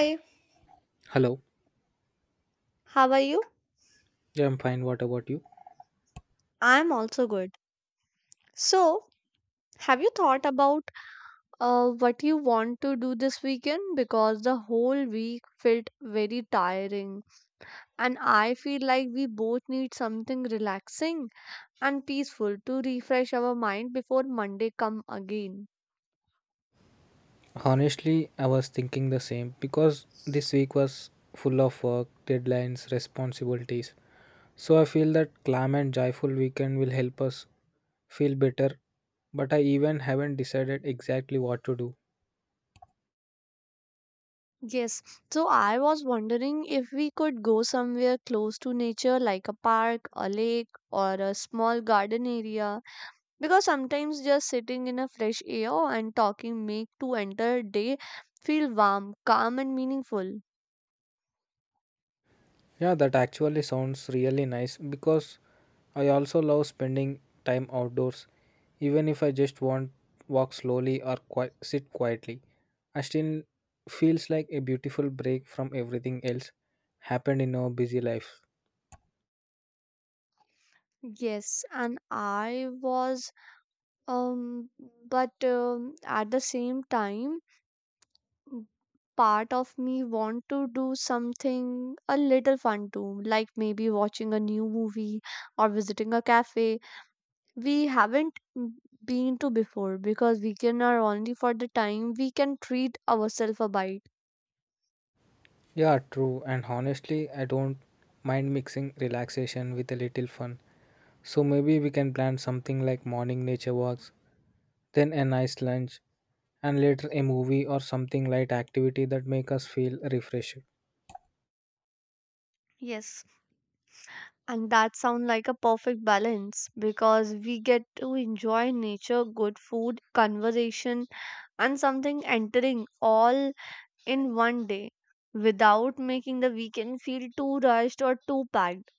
Hi, Hello. how are you? Yeah, I'm fine. What about you? I'm also good. So, have you thought about what you want to do this weekend? Because the whole week felt very tiring, and I feel like we both need something relaxing and peaceful to refresh our mind before Monday come again. Honestly, I was thinking the same because this week was full of work, deadlines, responsibilities. So I feel that calm and joyful weekend will help us feel better, but I even haven't decided exactly what to do. Yes, so I was wondering if we could go somewhere close to nature, like a park, a lake, or a small garden area. Because sometimes just sitting in a fresh air and talking make to enter day feel warm calm and meaningful. Yeah, that actually sounds really nice because I also love spending time outdoors. Even if I just want walk slowly or sit quietly, I still feels like a beautiful break from everything else happened in our busy life. Yes, and I was um but at the same time part of me want to do something a little fun too, like maybe watching a new movie or visiting a cafe we haven't m- been to before because weekend are only for the time we can treat ourselves a bite. Yeah, true. And honestly, I don't mind mixing relaxation with a little fun. So maybe we can plan something like morning nature walks then a nice lunch, and later a movie or something light activity that make us feel refreshed. Yes. And that sounds like a perfect balance because we get to enjoy nature, good food, conversation, and something entering all in one day without making the weekend feel too rushed or too packed.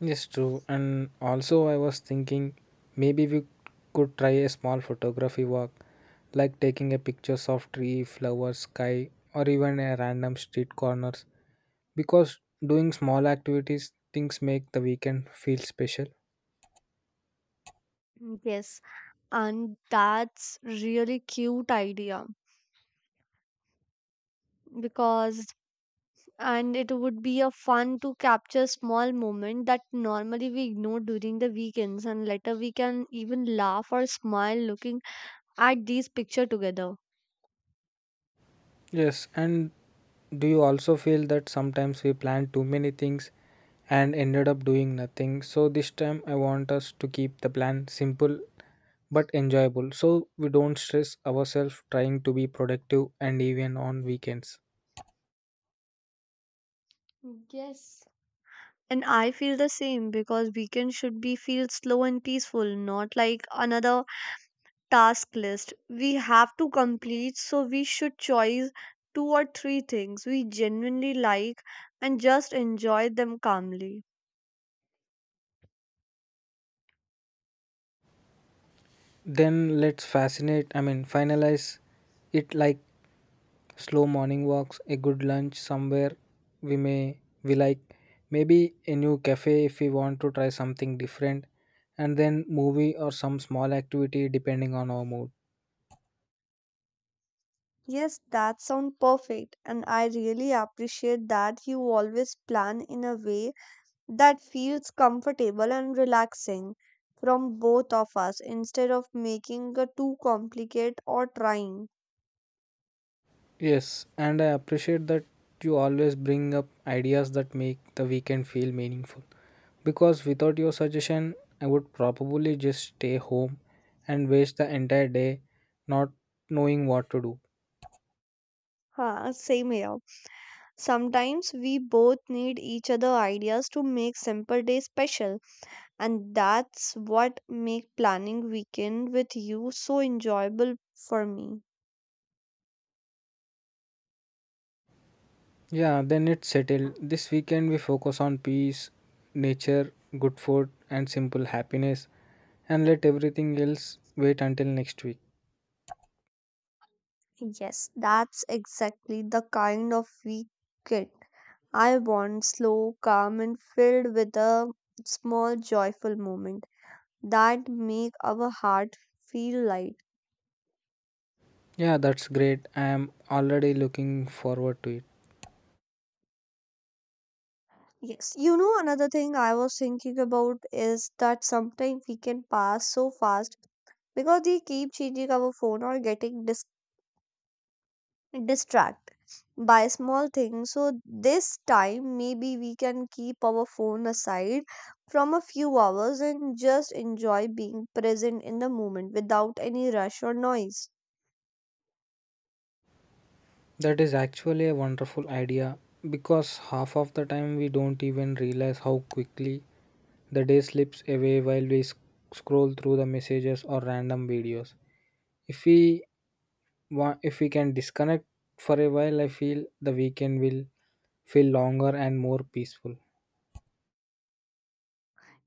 Yes, true. And also, I was thinking maybe we could try a small photography walk, like taking a pictures of tree, flowers, sky, or even a random street corners. Because doing small activities, things make the weekend feel special. Yes, and that's really cute idea because and it would be a fun to capture small moment that normally we ignore during the weekends and later we can even laugh or smile looking at these picture together. Yes, and do you also feel that sometimes we plan too many things and ended up doing nothing? So this time I want us to keep the plan simple but enjoyable so we don't stress ourselves trying to be productive and even on weekends. Yes. And I feel the same because weekend should be feel slow and peaceful, not like another task list we have to complete. So we should choose two or three things we genuinely like and just enjoy them calmly. Then let's I mean, finalize it like slow morning walks, a good lunch somewhere we like, maybe a new cafe if we want to try something different, and then movie or some small activity depending on our mood. Yes, that sounds perfect. And I really appreciate that you always plan in a way that feels comfortable and relaxing from both of us instead of making it too complicated or trying. Yes, and I appreciate that you always bring up ideas that make the weekend feel meaningful. Because without your suggestion, I would probably just stay home and waste the entire day not knowing what to do. Huh, same here. Sometimes we both need each other ideas to make simple day special, and that's what make planning weekend with you so enjoyable for me. Yeah, then it's settled. This weekend we focus on peace, nature, good food, and simple happiness, and let everything else wait until next week. Yes, that's exactly the kind of weekend I want, slow, calm, and filled with a small joyful moment that make our heart feel light. Yeah, that's great. I am already looking forward to it. Yes, you know another thing I was thinking about is that sometimes we can pass so fast because they keep changing our phone or getting distracted by small things, so this time maybe we can keep our phone aside from a few hours and just enjoy being present in the moment without any rush or noise. That is actually a wonderful idea because half of the time we don't even realize how quickly the day slips away while we scroll through the messages or random videos. If we if we can disconnect for a while, I feel the weekend will feel longer and more peaceful.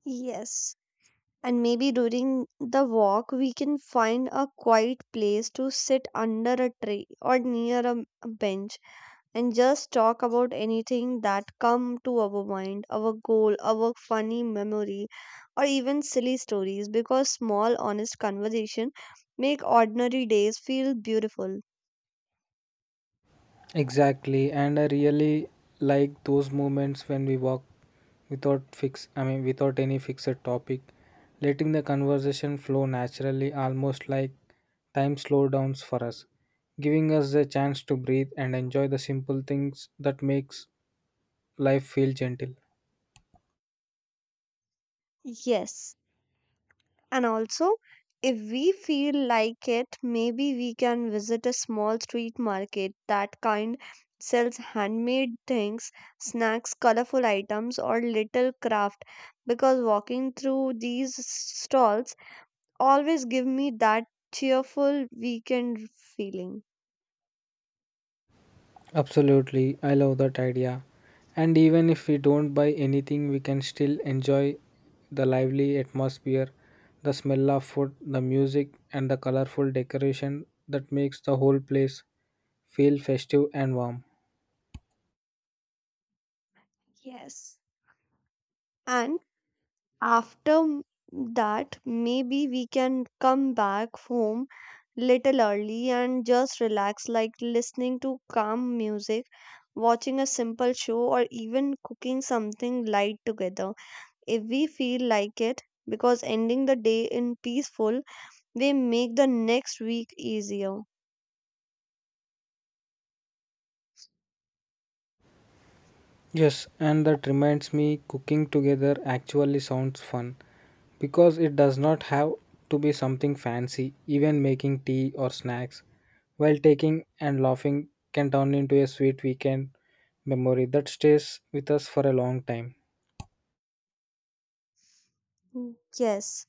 Yes, and maybe during the walk we can find a quiet place to sit under a tree or near a bench and just talk about anything that come to our mind, our goal, our funny memory, or even silly stories, because small honest conversation make ordinary days feel beautiful. Exactly. And I really like those moments when we walk without fix I mean without any fixed topic, letting the conversation flow naturally, almost like time slowdowns for us, giving us the chance to breathe and enjoy the simple things that makes life feel gentle. Yes, and also if we feel like it, maybe we can visit a small street market that kind sells handmade things, snacks, colorful items, or little craft, because walking through these stalls always give me that cheerful weekend feeling. Absolutely, I love that idea. And even if we don't buy anything, we can still enjoy the lively atmosphere, the smell of food, the music, and the colorful decoration that makes the whole place feel festive and warm. Yes. And after m- that, maybe we can come back home little early and just relax, like listening to calm music, watching a simple show, or even cooking something light together if we feel like it. Because ending the day in peaceful, they make the next week easier. Yes, and that reminds me cooking together actually sounds fun. Because it does not have to be something fancy, even making tea or snacks while taking and laughing can turn into a sweet weekend memory that stays with us for a long time. Mm, yes.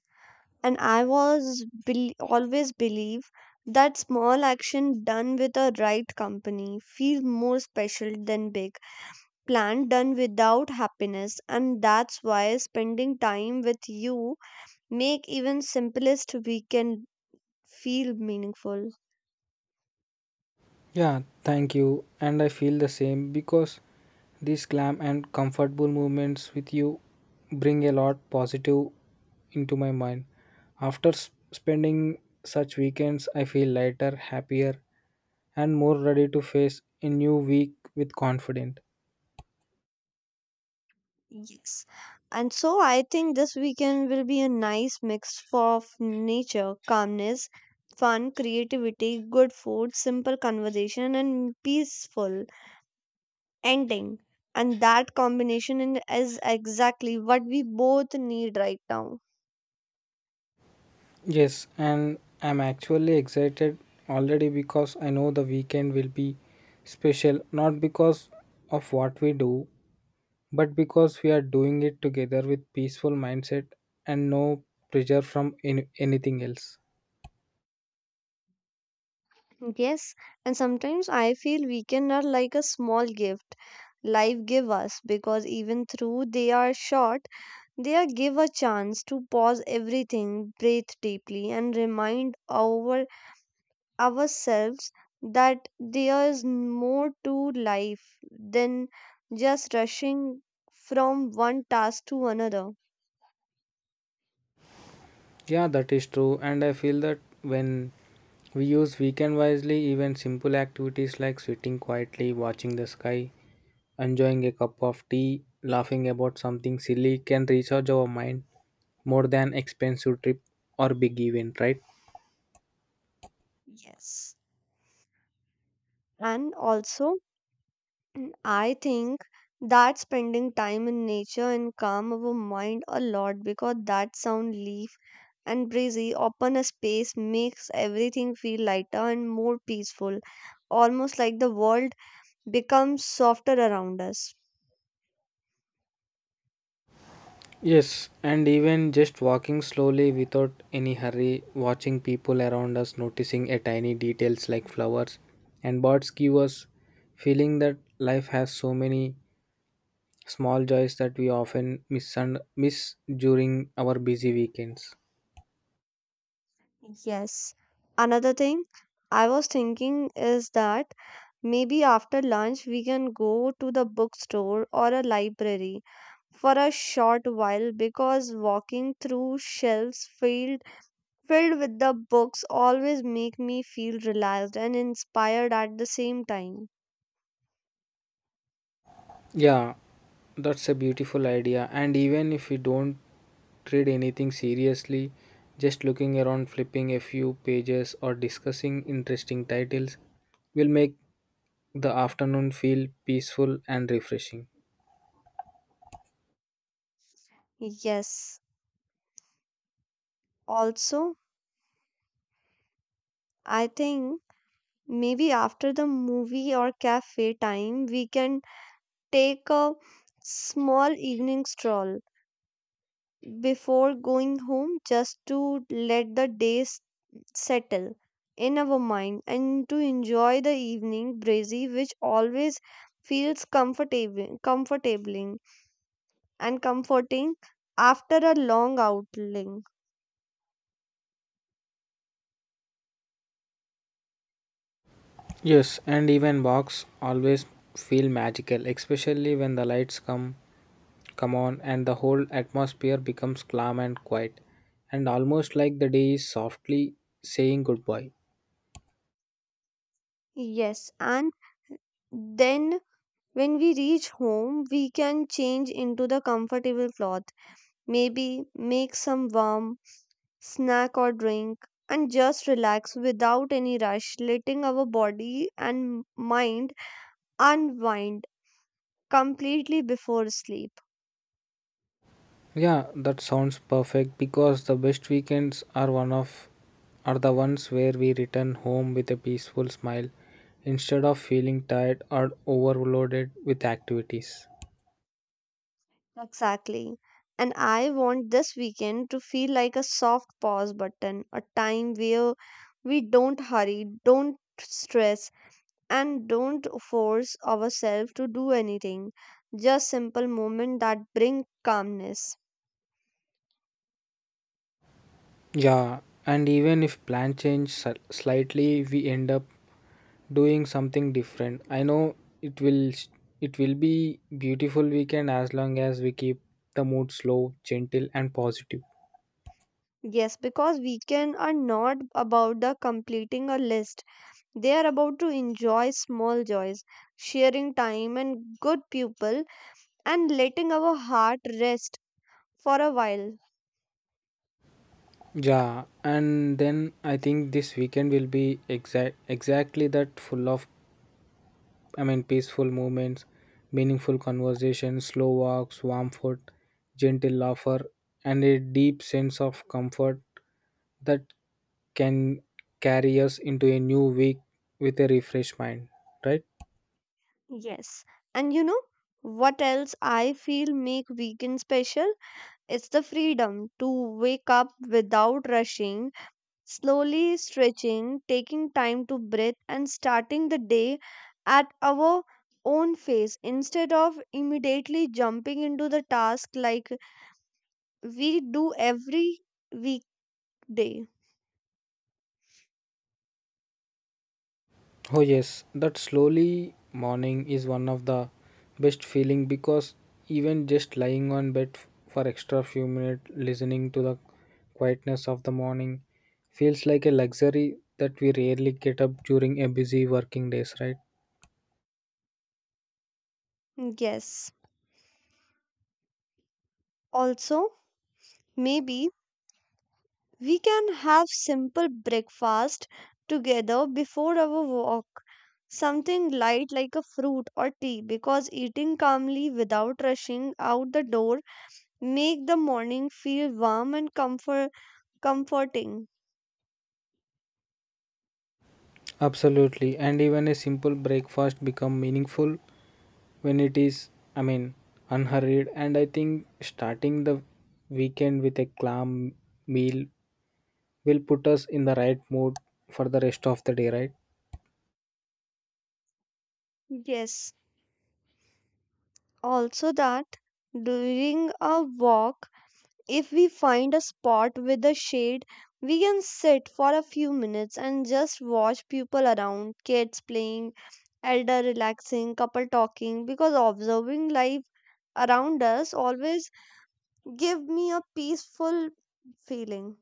And I always believe that small action done with a right company feel more special than big plan done without happiness, and that's why spending time with you make even simplest weekend feel meaningful. Yeah, thank you. And I feel the same because these calm and comfortable moments with you bring a lot positive into my mind. After spending such weekends, I feel lighter, happier, and more ready to face a new week with confidence. Yes, and so I think this weekend will be a nice mix of nature calmness, fun creativity, good food, simple conversation and peaceful ending. And that is exactly what we both need right now. Yes, and I'm actually excited already because I know the weekend will be special, not because of what we do, but because we are doing it together with peaceful mindset and no pressure from anything else. Yes, and sometimes I feel weekends are like a small gift life give us because even through they are short, they are give a chance to pause everything, breathe deeply, and remind ourselves that there is more to life than just rushing from one task to another. Yeah, that is true, and I feel that when we use weekend wisely, even simple activities like sitting quietly, watching the sky, enjoying a cup of tea, laughing about something silly can recharge our mind more than expensive trip or big event, right? Yes. And also, I think that spending time in nature and calm our mind a lot because that sound leaf and breezy open a space makes everything feel lighter and more peaceful, almost like the world becomes softer around us. Yes, and even just walking slowly without any hurry, watching people around us, noticing a tiny details like flowers and birds give us feeling that life has so many small joys that we often miss during our busy weekends. Yes. Another thing I was thinking is that maybe after lunch we can go to the bookstore or a library for a short while because walking through shelves filled with the books always make me feel relaxed and inspired at the same time. Yeah, that's a beautiful idea. And even if we don't read anything seriously, just looking around, flipping a few pages, or discussing interesting titles will make the afternoon feel peaceful and refreshing. Yes. Also, I think maybe after the movie or cafe time we can take a small evening stroll before going home just to let the settle in our mind and to enjoy the evening breezy which always feels comfortable comfortabling and comforting after a long outing. Yes, and even walks always feel magical, especially when the lights come on and the whole atmosphere becomes calm and quiet, and almost like the day is softly saying goodbye. Yes, and then when we reach home we can change into the comfortable clothes, maybe make some warm snack or drink, and just relax without any rush, letting our body and mind unwind completely before sleep. Yeah, that sounds perfect because the best weekends are one of are the ones where we return home with a peaceful smile instead of feeling tired or overloaded with activities. Exactly. And I want this weekend to feel like a soft pause button, a time where we don't hurry, don't stress, and don't force ourselves to do anything. Just simple moments that bring calmness. Yeah, and even if plan change slightly, we end up doing something different. I know it will s- it will be beautiful weekend as long as we keep the mood slow, gentle and positive. Yes, because weekends are not about the completing a list. They are about to enjoy small joys, sharing time and good people and letting our heart rest for a while. Yeah, and then I think this weekend will be exactly that full of, I mean, peaceful moments, meaningful conversations, slow walks, warm food, gentle laughter, and a deep sense of comfort that can carry us into a new week with a refreshed mind, right? Yes. And you know what else I feel make weekend special? It's the freedom to wake up without rushing slowly stretching, taking time to breathe, and starting the day at our own pace instead of immediately jumping into the task like we do every weekday. Oh yes, that slowly morning is one of the best feeling because even just lying on bed for extra few minutes listening to the quietness of the morning feels like a luxury that we rarely get up during a busy working days, right? Yes. Also, maybe we can have simple breakfast together before our walk. Something light like a fruit or tea because eating calmly without rushing out the door make the morning feel warm and comforting. Absolutely. And even a simple breakfast become meaningful when it is, I mean, unhurried and I think starting the weekend with a calm meal will put us in the right mood for the rest of the day, right? Yes, also that during a walk, if we find a spot with a shade, we can sit for a few minutes and just watch people around, kids playing, elder relaxing, couple talking, because observing life around us always give me a peaceful feeling.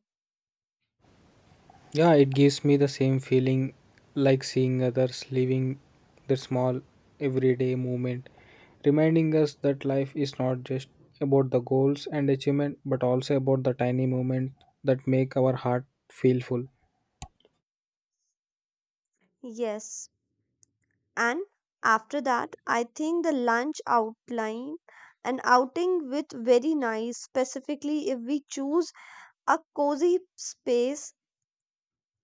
Yeah, it gives me the same feeling like seeing others living their small everyday moment, reminding us that life is not just about the goals and achievement, but also about the tiny moments that make our heart feel full. Yes. And after that I think the lunch outline an outing with very nice specifically if we choose a cozy space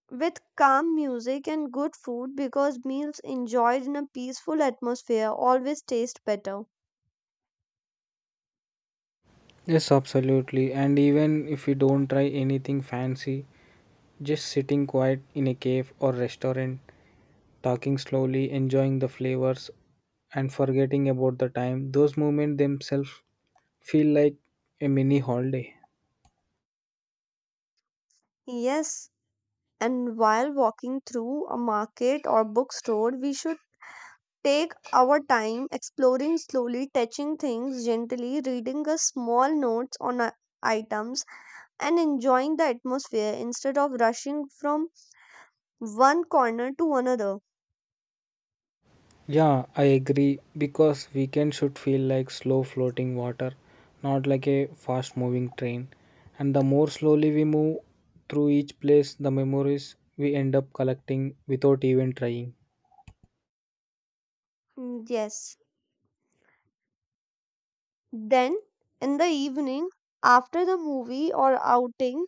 with calm music and good food, because meals enjoyed in a peaceful atmosphere always taste better. Yes, absolutely. And even if we don't try anything fancy, just sitting quiet in a cave or restaurant talking slowly, enjoying the flavors, and forgetting about the time. Those moments themselves feel like a mini holiday. Yes, and while walking through a market or bookstore we should take our time exploring slowly, touching things gently, reading a small notes on items, and enjoying the atmosphere instead of rushing from one corner to another. Yeah, I agree because weekend should feel like slow floating water, not like a fast moving train. And the more slowly we move through each place, the memories we end up collecting without even trying. Mm, yes. Then, in the evening, after the movie or outing,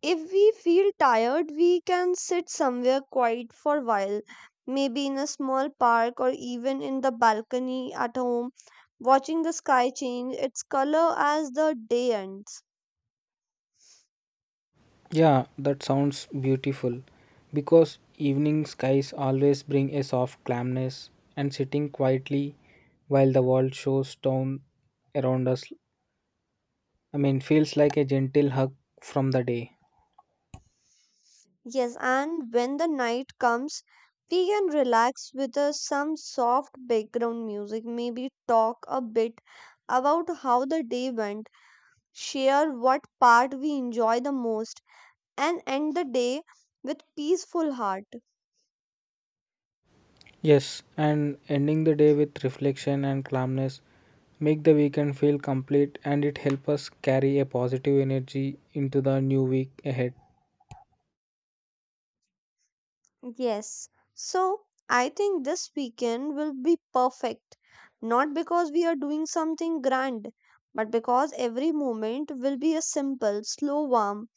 if we feel tired, we can sit somewhere quiet for a while, maybe in a small park or even in the balcony at home, watching the sky change its color as the day ends. Yeah, that sounds beautiful because evening skies always bring a soft calmness and sitting quietly while the world shows down around us. I mean, feels like a gentle hug from the day. Yes, and when the night comes, we can relax with some soft background music, maybe talk a bit about how the day went, share what part we enjoy the most, and end the day with peaceful heart. Yes, and ending the day with reflection and calmness make the weekend feel complete and it helps us carry a positive energy into the new week ahead. Yes. So, I think this weekend will be perfect, not because we are doing something grand, but because every moment will be a simple, slow warm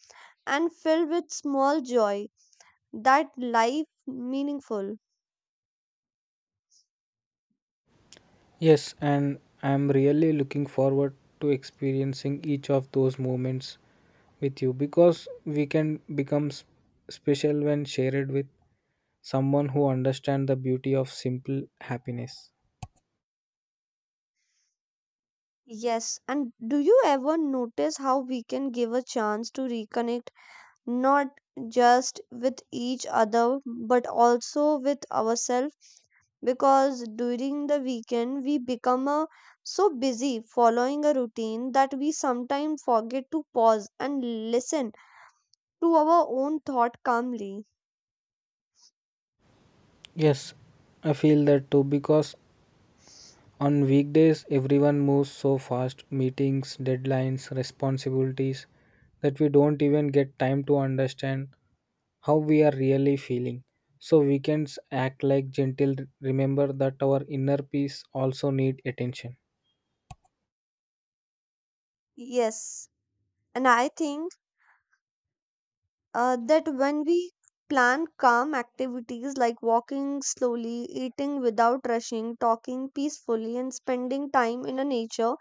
and filled with small joy. That life meaningful. Yes, and I'm really looking forward to experiencing each of those moments with you because we can become special when shared with someone who understands the beauty of simple happiness. Yes, and do you ever notice how we can give a chance to reconnect not just with each other but also with ourselves? Because during the weekend, we become so busy following a routine that we sometimes forget to pause and listen to our own thought calmly. Yes, I feel that too because on weekdays everyone moves so fast meetings, deadlines, responsibilities that we don't even get time to understand how we are really feeling. So weekends act like gentle remember that our inner peace also need attention. Yes, and I think that when we plan calm activities like walking slowly, eating without rushing, talking peacefully, and spending time in a nature,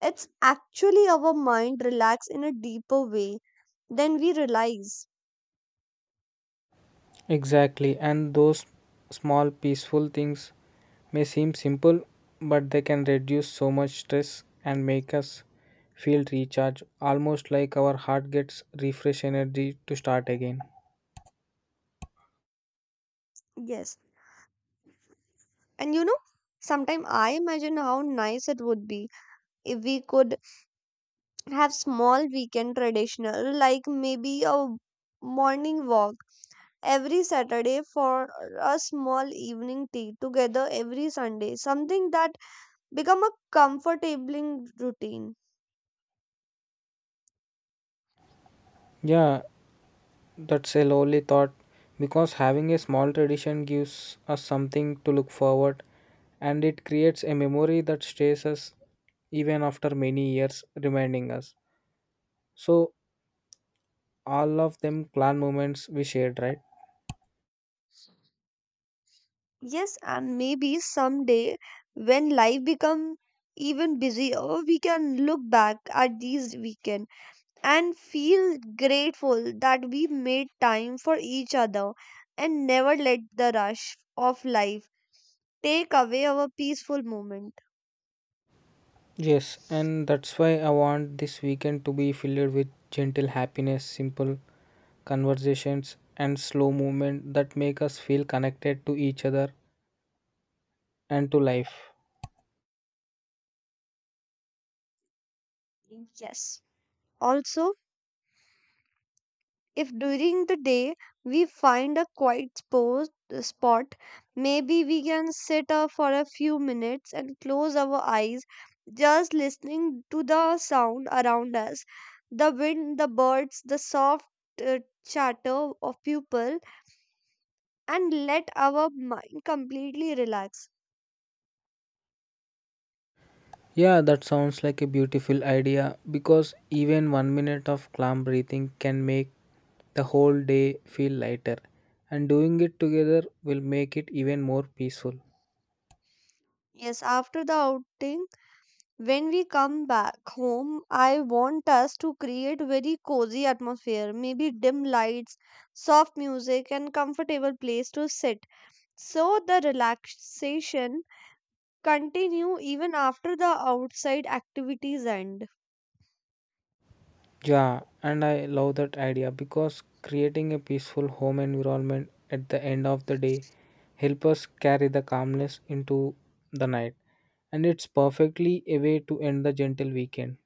it's actually our mind relax in a deeper way than we realize. Exactly, and those small peaceful things may seem simple, but they can reduce so much stress and make us feel recharged, almost like our heart gets refresh energy to start again. Yes. And you know, sometimes I imagine how nice it would be if we could have small weekend traditional, like maybe a morning walk every Saturday for a small evening tea together every Sunday, something that become a comfortable routine. Yeah, that's a lovely thought because having a small tradition gives us something to look forward and it creates a memory that stays us even after many years reminding us. So all of them clan moments we shared, right? Yes, and maybe someday when life become even busier, we can look back at these weekend and feel grateful that we made time for each other and never let the rush of life take away our peaceful moment. Yes, and that's why I want this weekend to be filled with gentle happiness, simple conversations and slow movement that make us feel connected to each other and to life. Yes. Also, if during the day we find a quiet spot, maybe we can sit for a few minutes and close our eyes, just listening to the sound around us, the wind, the birds, the soft uh, chatter of people, and let our mind completely relax. Yeah, that sounds like a beautiful idea because even one minute of calm breathing can make the whole day feel lighter, and doing it together will make it even more peaceful. Yes, after the outing, when we come back home, I want us to create very cozy atmosphere, maybe dim lights, soft music and comfortable place to sit. So the relaxation continue even after the outside activities end. Yeah, and I love that idea because creating a peaceful home environment at the end of the day help us carry the calmness into the night, and it's perfectly a way to end the gentle weekend.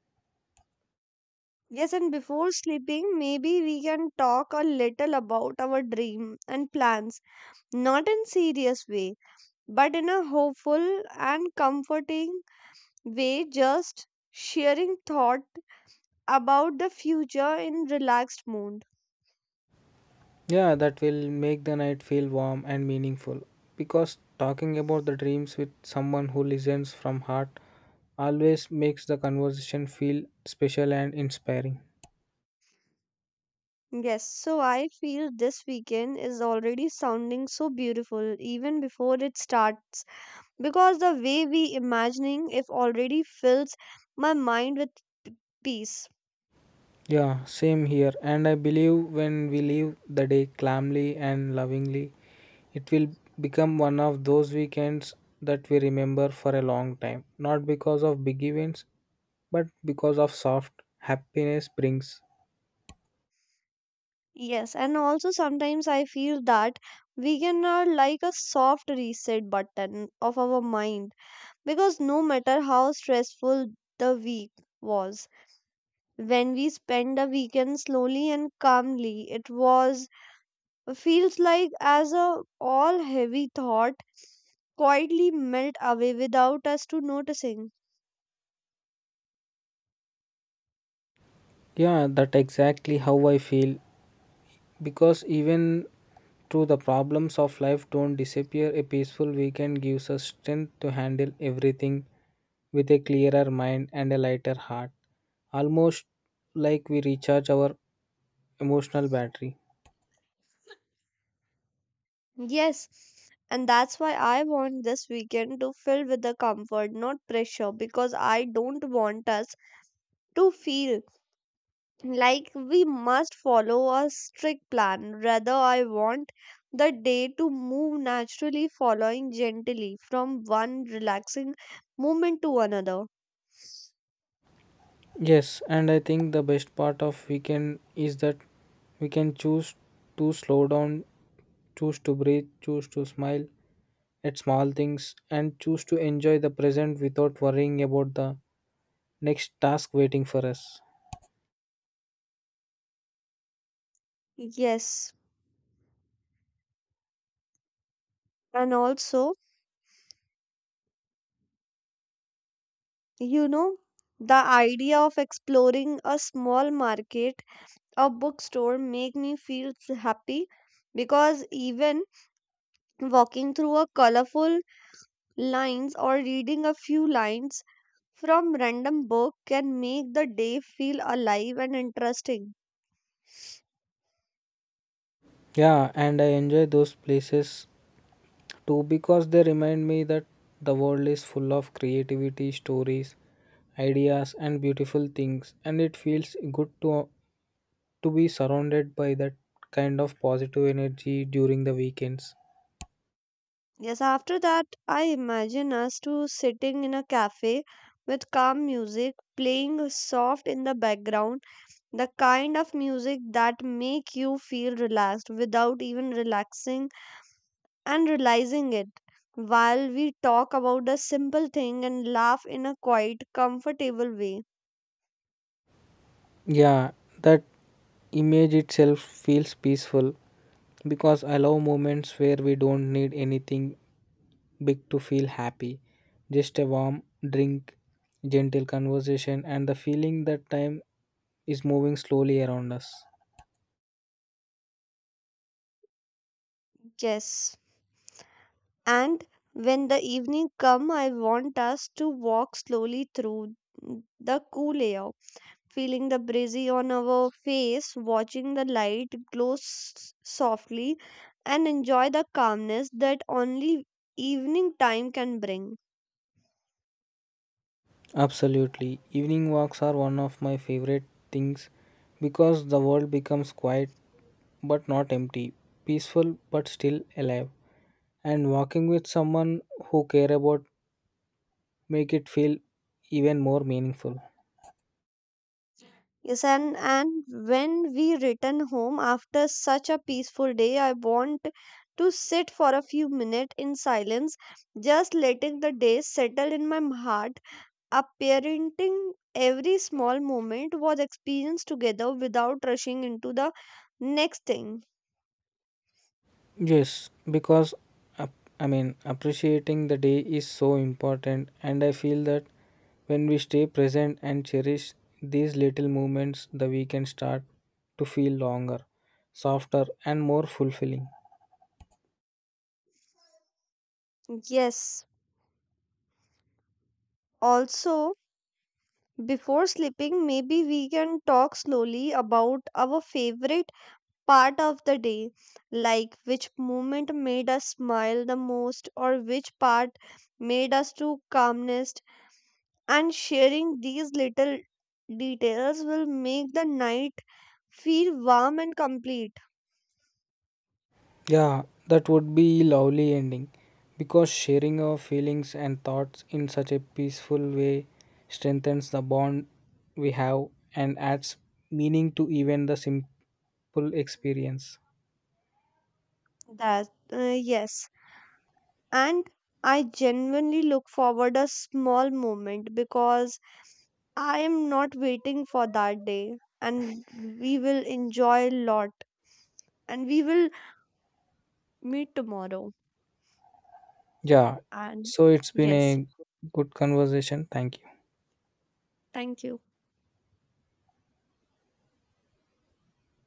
Yes, and before sleeping, maybe we can talk a little about our dream and plans, not in serious way, but in a hopeful and comforting way, just sharing thought about the future in relaxed mood. Yeah, that will make the night feel warm and meaningful because talking about the dreams with someone who listens from heart always makes the conversation feel special and inspiring. Yes, so I feel this weekend is already sounding so beautiful even before it starts because the way we imagining it already fills my mind with peace. Yeah, same here. And I believe when we leave the day calmly and lovingly, it will become one of those weekends that we remember for a long time, not because of big events, but because of soft happiness brings. Yes, and also sometimes I feel that weekend are like a soft reset button of our mind because no matter how stressful the week was, when we spend the weekend slowly and calmly, it was feels like as a all heavy thought quietly melt away without us to noticing. Yeah, that exactly how I feel. Because even through the problems of life don't disappear, a peaceful weekend gives us strength to handle everything with a clearer mind and a lighter heart. Almost like we recharge our emotional battery. Yes, and that's why I want this weekend to fill with the comfort, not pressure, because I don't want us to feel like we must follow a strict plan. Rather, I want the day to move naturally, following gently from one relaxing moment to another. Yes, and I think the best part of weekend is that we can choose to slow down, choose to breathe, choose to smile at small things, and choose to enjoy the present without worrying about the next task waiting for us. Yes, and also you know, the idea of exploring a small market or bookstore make me feel happy because even walking through a colorful lines or reading a few lines from random book can make the day feel alive and interesting. Yeah, and I enjoy those places too because they remind me that the world is full of creativity, stories, ideas, and beautiful things, and it feels good to be surrounded by that kind of positive energy during the weekends. Yes, after that I imagine us to sitting in a cafe with calm music playing soft in the background, the kind of music that make you feel relaxed without even relaxing and realizing it, while we talk about the simple thing and laugh in a quiet comfortable way. Yeah, that image itself feels peaceful because I love moments where we don't need anything big to feel happy. Just a warm drink, gentle conversation, and the feeling that time is moving slowly around us. Yes, and when the evening come I want us to walk slowly through the cool air, feeling the breezy on our face, watching the softly, and enjoy the calmness that only evening time can bring. Absolutely. Evening walks are one of my favorite things because the world becomes quiet but not empty, peaceful but still alive. And walking with someone who care about make it feel even more meaningful. Yes, and when we return home after such a peaceful day, I want to sit for a few minutes in silence, just letting the day settle in my heart. Appreciating every small moment was experienced together without rushing into the next thing. Yes, because ap- I mean, appreciating the day is so important, and I feel that when we stay present and cherish these little moments, the weekend start to feel longer, softer, and more fulfilling. Yes. Also, before sleeping, maybe we can talk slowly about our favorite part of the day, like which moment made us smile the most or which part made us to calmest. And sharing these little details will make the night feel warm and complete. Yeah, that would be lovely ending because sharing our feelings and thoughts in such a peaceful way strengthens the bond we have and adds meaning to even the simple experience. That yes, and I genuinely look forward a small moment because I am not waiting for that day, and we will enjoy a lot, and we will meet tomorrow. Yeah. And So it's been yes. a good conversation. Thank you. Thank you.